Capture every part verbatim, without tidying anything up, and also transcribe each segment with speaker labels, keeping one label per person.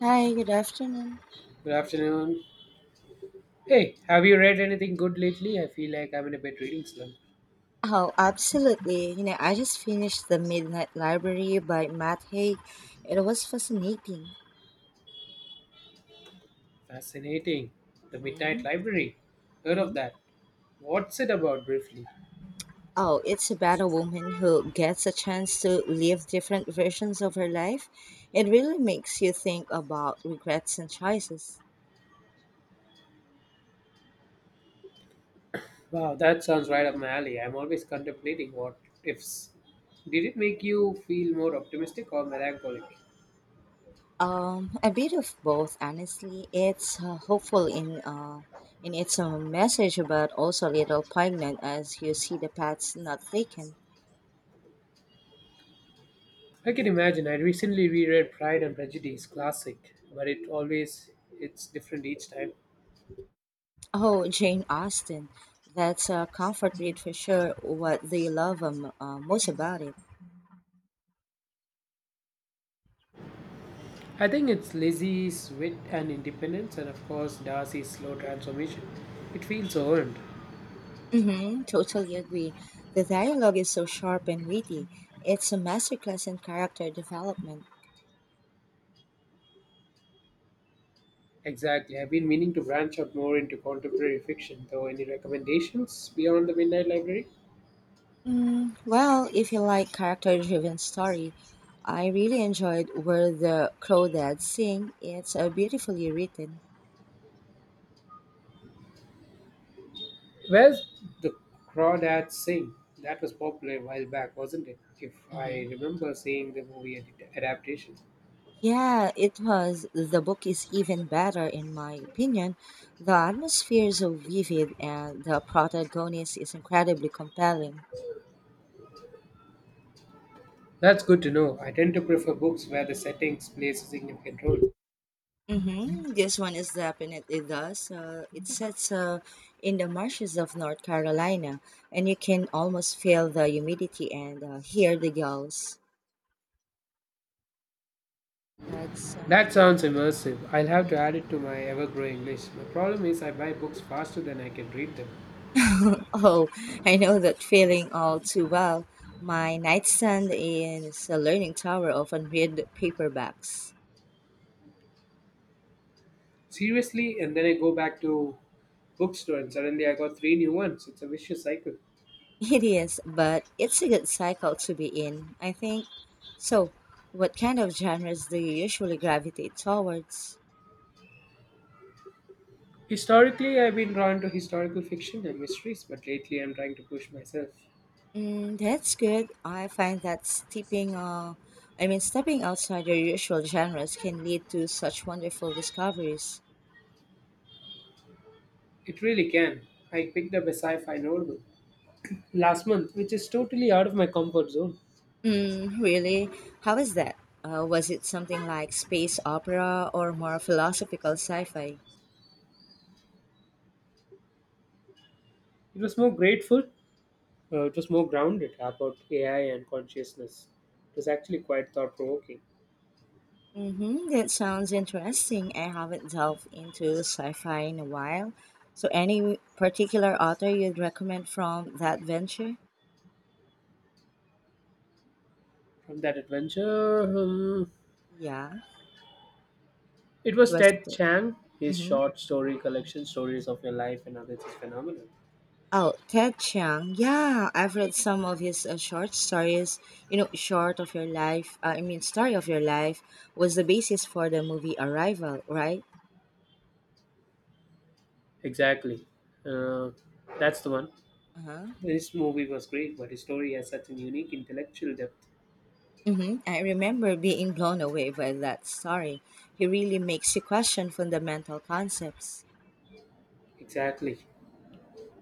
Speaker 1: Hi, good afternoon.
Speaker 2: Good afternoon. Hey, have you read anything good lately? I feel like I'm in a bit reading slump.
Speaker 1: Oh, absolutely. You know, I just finished The Midnight Library by Matt Haig. It was fascinating.
Speaker 2: Fascinating. The Midnight
Speaker 1: Hmm.
Speaker 2: Library. Heard of
Speaker 1: Hmm.
Speaker 2: that. What's it about briefly?
Speaker 1: Oh, it's about a woman who gets a chance to live different versions of her life. It really makes you think about regrets and choices.
Speaker 2: Wow, that sounds right up my alley. I'm always contemplating what ifs. Did it make you feel more optimistic or melancholic?
Speaker 1: Um, a bit of both, honestly. It's uh, hopeful in uh, in its own message, but also a little poignant as you see the paths not taken.
Speaker 2: I can imagine. I recently reread Pride and Prejudice, classic, but it always it's different each time.
Speaker 1: Oh, Jane Austen. That's a comfort read for sure. What do you love um, uh, most about it?
Speaker 2: I think it's Lizzie's wit and independence, and of course Darcy's slow transformation. It feels so earned.
Speaker 1: Hmm, totally agree. The dialogue is so sharp and witty. It's a masterclass in character development.
Speaker 2: Exactly. I've been meaning to branch out more into contemporary fiction, though. Any recommendations beyond the Midnight Library?
Speaker 1: Mm, well, if you like character-driven story, I really enjoyed Where the Crawdads Sing. It's uh, beautifully written.
Speaker 2: Where's the Crawdads Sing? That was popular a while back, wasn't it? If
Speaker 1: Hmm.
Speaker 2: I remember seeing the movie ad- adaptation.
Speaker 1: Yeah, it was. The book is even better, in my opinion. The atmosphere is so vivid, and the protagonist is incredibly compelling.
Speaker 2: That's good to know. I tend to prefer books where the settings plays a significant role.
Speaker 1: Mm-hmm. This one is definitely does. Uh, it sets uh, in the marshes of North Carolina, and you can almost feel the humidity and uh, hear the gulls. That sounds.
Speaker 2: That sounds immersive. I'll have to
Speaker 1: Mhm.
Speaker 2: add it to my ever growing list. My problem is I buy books faster than I can read them.
Speaker 1: Oh, I know that feeling all too well. My nightstand is a learning tower of unread paperbacks.
Speaker 2: Seriously, and then I go back to bookstore and suddenly I got three new ones. It's a vicious cycle.
Speaker 1: It is, but it's a good cycle to be in, I think. So, what kind of genres do you usually gravitate towards?
Speaker 2: Historically, I've been drawn to historical fiction and mysteries, but lately I'm trying to push myself.
Speaker 1: Mm, that's good. I find that stepping, uh, I mean, stepping outside your usual genres can lead to such wonderful discoveries.
Speaker 2: It really can. I picked up a sci fi novel last month, which is totally out of my comfort zone.
Speaker 1: Mm, really? How is that? Uh, was it something like space opera or more philosophical sci-fi?
Speaker 2: It was more grateful, uh, it was more grounded about A I and consciousness. It was actually quite thought provoking.
Speaker 1: Mm-hmm. That sounds interesting. I haven't delved into sci-fi in a while. So, any particular author you'd recommend from that venture?
Speaker 2: From that adventure, hmm,
Speaker 1: Yeah,
Speaker 2: it
Speaker 1: it
Speaker 2: was
Speaker 1: was.
Speaker 2: Ted
Speaker 1: The,
Speaker 2: Chiang. His
Speaker 1: mm-hmm.
Speaker 2: short story collection, Stories of Your Life and Others, is phenomenal.
Speaker 1: Oh, Ted Chiang. Yeah, I've read some of his uh, short stories. You know, short of your life. Uh, I mean, story of your life was the basis for the movie Arrival, right?
Speaker 2: Exactly. Uh, that's the one.
Speaker 1: Uh-huh.
Speaker 2: This movie was great, but the story has such an unique intellectual depth.
Speaker 1: Mm-hmm. I remember being blown away by that story. He really makes you question fundamental concepts.
Speaker 2: Exactly.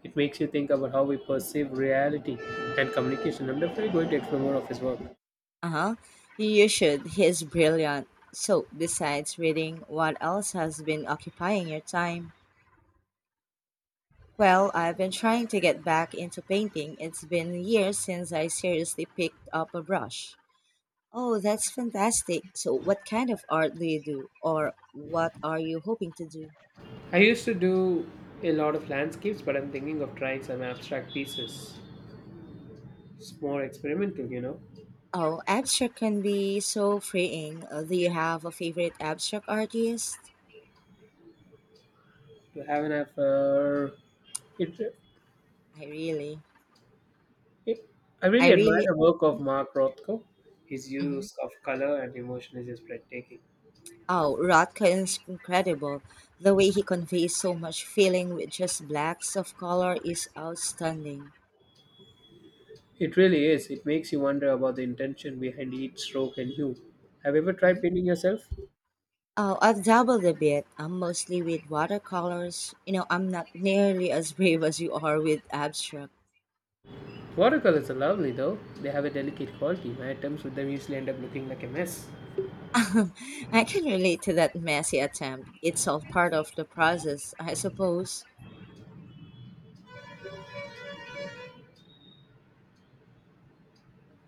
Speaker 2: It makes you think about how we perceive reality and communication. I'm definitely going to explore more of his work.
Speaker 1: Uh-huh. You should. He is brilliant. So, besides reading, what else has been occupying your time? Well, I've been trying to get back into painting. It's been years since I seriously picked up a brush. Oh, that's fantastic. So, what kind of art do you do, or what are you hoping to do?
Speaker 2: I used to do a lot of landscapes, but I'm thinking of trying some abstract pieces. It's more experimental, you know.
Speaker 1: Oh, abstract can be so freeing. Uh, Do you have a favorite abstract artist?
Speaker 2: To have an affair. It,
Speaker 1: I really,
Speaker 2: it, I
Speaker 1: I
Speaker 2: really admire
Speaker 1: really.
Speaker 2: the work of Mark Rothko. His
Speaker 1: Mm-hmm.
Speaker 2: use of color and emotion is just breathtaking.
Speaker 1: Oh, Rothko is incredible. The way he conveys so much feeling with just blacks of color is outstanding.
Speaker 2: It really is. It makes you wonder about the intention behind each stroke and hue. Have you ever tried
Speaker 1: Mhm.
Speaker 2: painting yourself?
Speaker 1: Oh, I've dabbled a bit. I'm mostly with watercolors. You know, I'm not nearly as brave as you are with abstract.
Speaker 2: Watercolors are lovely though. They have a delicate quality. My attempts with them usually end up looking like a mess.
Speaker 1: I can relate to that messy attempt. It's all part of the process, I suppose.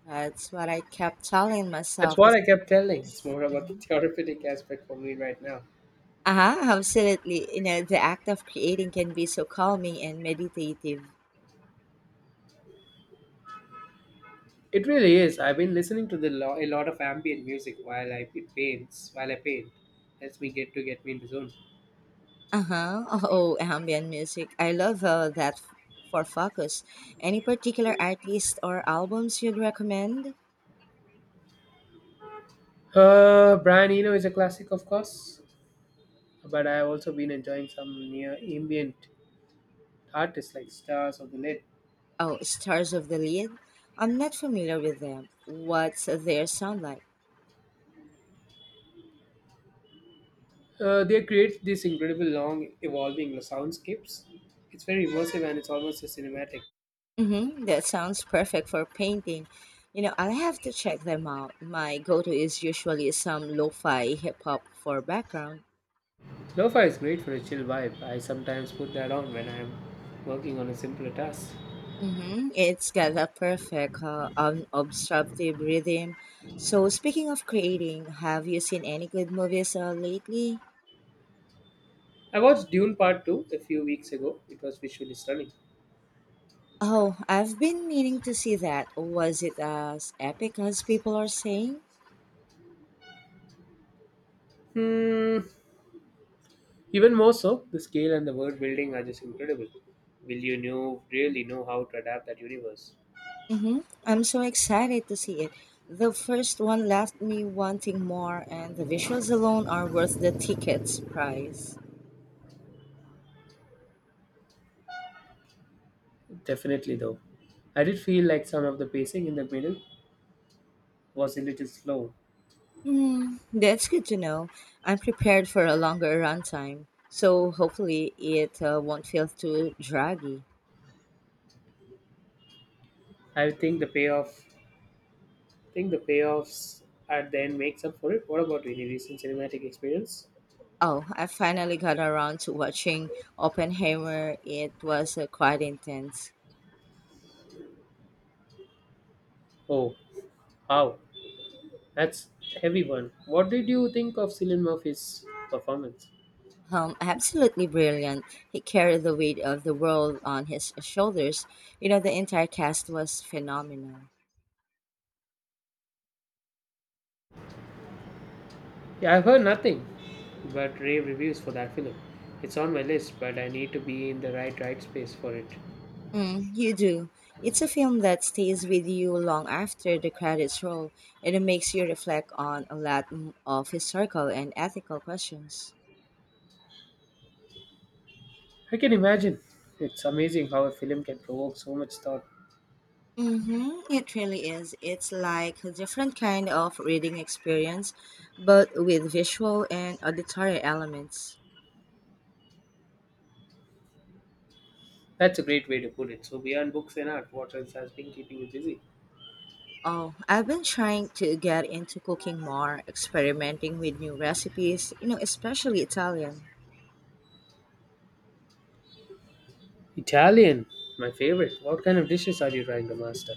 Speaker 1: That's what I kept telling
Speaker 2: That's
Speaker 1: myself.
Speaker 2: what
Speaker 1: Is,
Speaker 2: I kept telling. It's more about the therapeutic aspect for me right now.
Speaker 1: uh, absolutely. You know, the act of creating can be so calming and meditative.
Speaker 2: It really is. I've been listening to the lo- a lot of ambient music while I it paints while I paint. Helps me get to get me in the zone.
Speaker 1: Uh-huh. Oh, ambient music. I love uh, that f- for focus. Any particular artist or albums you'd recommend?
Speaker 2: Uh, Brian Eno is a classic, of course, but I've also been enjoying some near ambient artists like Stars of the Lid.
Speaker 1: Oh, Stars of the Lead. I'm not familiar with them. What's their sound like?
Speaker 2: Uh, they create these incredible long evolving soundscapes. It's very immersive and it's almost a cinematic.
Speaker 1: Mm-hmm. That sounds perfect for painting. You know, I'll have to check them out. My go-to is usually some lo-fi hip-hop for background.
Speaker 2: Lo-fi is great for a chill vibe. I sometimes put that on when I'm working on a simpler task.
Speaker 1: Mm-hmm. It's got a perfect, uh, unobstructive rhythm. So, speaking of creating, have you seen any good movies uh, lately?
Speaker 2: I watched Dune Part two a few weeks ago. It was visually stunning.
Speaker 1: Oh, I've been meaning to see that. Was it as epic as people are saying?
Speaker 2: Hmm, Even more so, the scale and the world building are just incredible. Will you know really know how to adapt that universe?
Speaker 1: Mm-hmm. I'm so excited to see it. The first one left me wanting more, and the visuals alone are worth the ticket's price.
Speaker 2: Definitely though. I did feel like some of the pacing in the middle was a little slow.
Speaker 1: Hmm, that's good to know. I'm prepared for a longer runtime, so hopefully it uh, won't feel too draggy.
Speaker 2: I think the payoff I think the payoffs at the end makes up for it. What about any recent cinematic experience?
Speaker 1: Oh, I finally got around to watching Oppenheimer. It was uh, quite intense.
Speaker 2: Oh, how that's a heavy one. What did you think of Cillian Murphy's performance?
Speaker 1: Um, absolutely brilliant. He carried the weight of the world on his shoulders. You know, the entire cast was phenomenal.
Speaker 2: Yeah, I've heard nothing but rave reviews for that film. It's on my list, but I need to be in the right right space for it.
Speaker 1: Mm, you do. It's a film that stays with you long after the credits roll, and it makes you reflect on a lot m- of historical and ethical questions.
Speaker 2: I can imagine. It's amazing how a film can provoke so much thought.
Speaker 1: Mm-hmm, it really is. It's like a different kind of reading experience, but with visual and auditory elements.
Speaker 2: That's a great way to put it. So beyond books and art, what else has been keeping you busy?
Speaker 1: Oh, I've been trying to get into cooking more, experimenting with new recipes, you know, especially Italian.
Speaker 2: Italian, my favorite. What kind of dishes are you trying to master?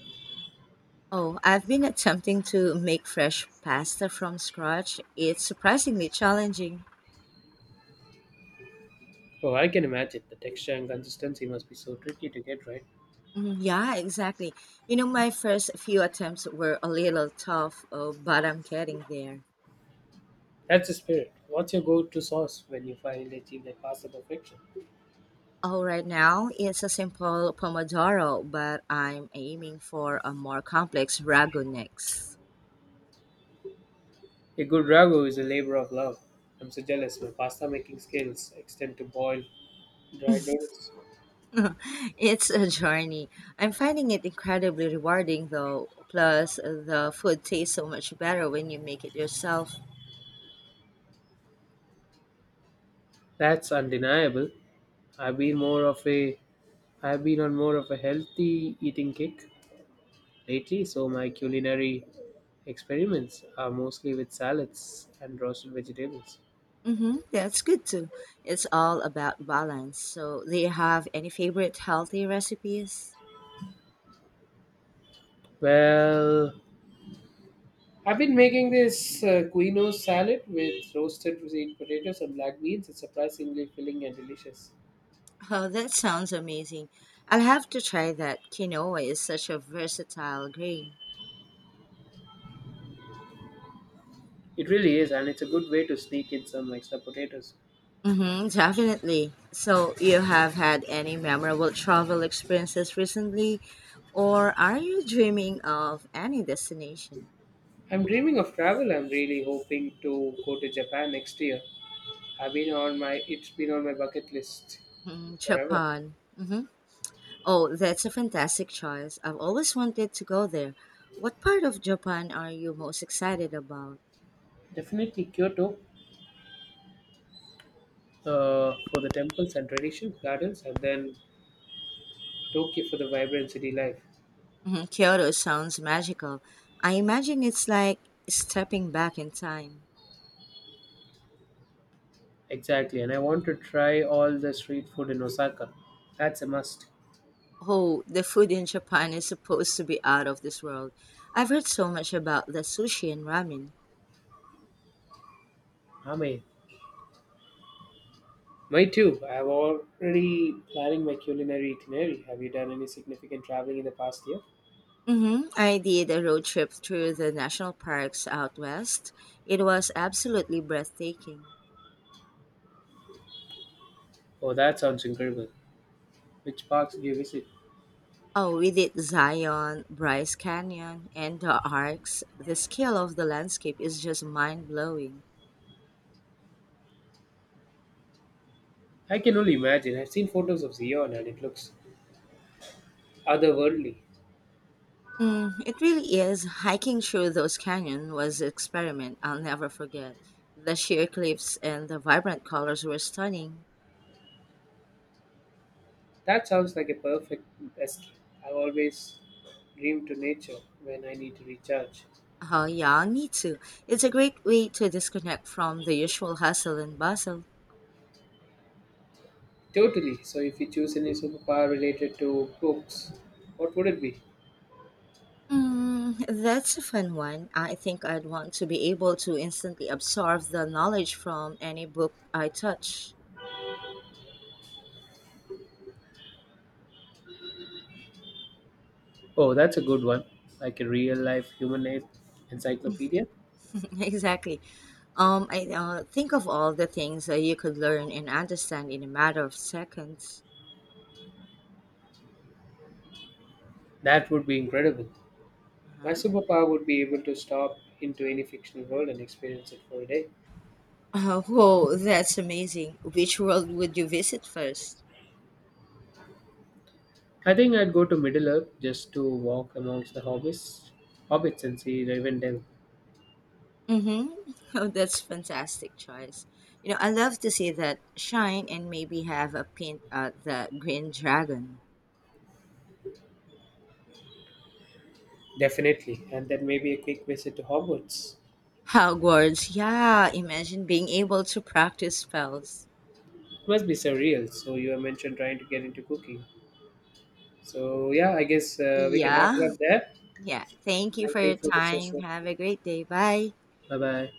Speaker 1: Oh, I've been attempting to make fresh pasta from scratch. It's surprisingly challenging.
Speaker 2: Oh, I can imagine. The texture and consistency must be so tricky to get right.
Speaker 1: Mm, yeah, exactly. You know, my first few attempts were a little tough, uh, but I'm getting there.
Speaker 2: That's the spirit. What's your go to sauce when you finally achieve that pasta perfection?
Speaker 1: Oh, right now it's a simple pomodoro, but I'm aiming for a more complex ragu next.
Speaker 2: A good ragu is a labor of love. I'm so jealous. My pasta making skills extend to boiled, dried noodles.
Speaker 1: It's a journey. I'm finding it incredibly rewarding, though. Plus, the food tastes so much better when you make it yourself.
Speaker 2: That's undeniable. I've been more of a I've been on more of a healthy eating kick lately, so my culinary experiments are mostly with salads and roasted vegetables.
Speaker 1: Mm-hmm. That's good too. It's all about balance. So, do you have any favorite healthy recipes?
Speaker 2: Well, I've been making this uh, quinoa salad with roasted green potatoes and black beans. It's surprisingly filling and delicious.
Speaker 1: Oh, that sounds amazing. I'll have to try that. Quinoa is such a versatile grain.
Speaker 2: It really is, and it's a good way to sneak in some extra potatoes.
Speaker 1: Mm-hmm, definitely. So, you have had any memorable travel experiences recently, or are you dreaming of any destination?
Speaker 2: I'm dreaming of travel. I'm really hoping to go to Japan next year. I've been on my it's been on my bucket list
Speaker 1: Mm,
Speaker 2: forever.
Speaker 1: Japan. Mhm. Oh, that's a fantastic choice. I've always wanted to go there. What part of Japan are you most excited about?
Speaker 2: Definitely Kyoto uh, for the temples and traditions, gardens, and then Tokyo for the vibrant city life.
Speaker 1: Mhm, Kyoto sounds magical. I imagine it's like stepping back in time.
Speaker 2: Exactly, and I want to try all the street food in Osaka. That's a must.
Speaker 1: Oh, the food in Japan is supposed to be out of this world. I've heard so much about the sushi and ramen.
Speaker 2: Amen. Me too. I have already planning my culinary itinerary. Have you done any significant traveling in the past year?
Speaker 1: Mm-hmm. I did a road trip through the national parks out west. It was absolutely breathtaking.
Speaker 2: Oh, that sounds incredible. Which parks did you visit?
Speaker 1: Oh, we did Zion, Bryce Canyon, and the Arcs. The scale of the landscape is just mind blowing.
Speaker 2: I can only imagine. I've seen photos of Zion and it looks otherworldly.
Speaker 1: Mm, it really is. Hiking through those canyons was an experiment I'll never forget. The sheer cliffs and the vibrant colors were stunning.
Speaker 2: That sounds like a perfect escape. I've always dreamed to nature when I need to recharge.
Speaker 1: Oh, yeah, me too. It's a great way to disconnect from the usual hustle and bustle.
Speaker 2: Totally. So, if you choose any superpower related to books, what would it be?
Speaker 1: Mm, that's a fun one. I think I'd want to be able to instantly absorb the knowledge from any book I touch.
Speaker 2: Oh, that's a good one. Like a real life human en- encyclopedia?
Speaker 1: Exactly. Um, I uh, think of all the things that you could learn and understand in a matter of seconds.
Speaker 2: That would be incredible. My
Speaker 1: Uh-huh.
Speaker 2: superpower would be able to stop into any fictional world and experience it for a day.
Speaker 1: Uh, whoa, that's amazing. Which world would you visit first?
Speaker 2: I think I'd go to Middle Earth just to walk amongst the hobbits, hobbits and see Rivendell.
Speaker 1: Mm-hmm. Oh, that's fantastic choice. You know, I love to see that shine and maybe have a pint at the Green Dragon.
Speaker 2: Definitely, and then maybe a quick visit to Hogwarts.
Speaker 1: Hogwarts, yeah. Imagine being able to practice spells.
Speaker 2: Must be surreal. So you have mentioned trying to get into cooking. So yeah, I guess uh, we can wrap
Speaker 1: Yeah,
Speaker 2: it up there.
Speaker 1: yeah. Thank you for
Speaker 2: Thank you
Speaker 1: your
Speaker 2: for the
Speaker 1: time.
Speaker 2: session.
Speaker 1: Have a great day. Bye.
Speaker 2: Bye bye.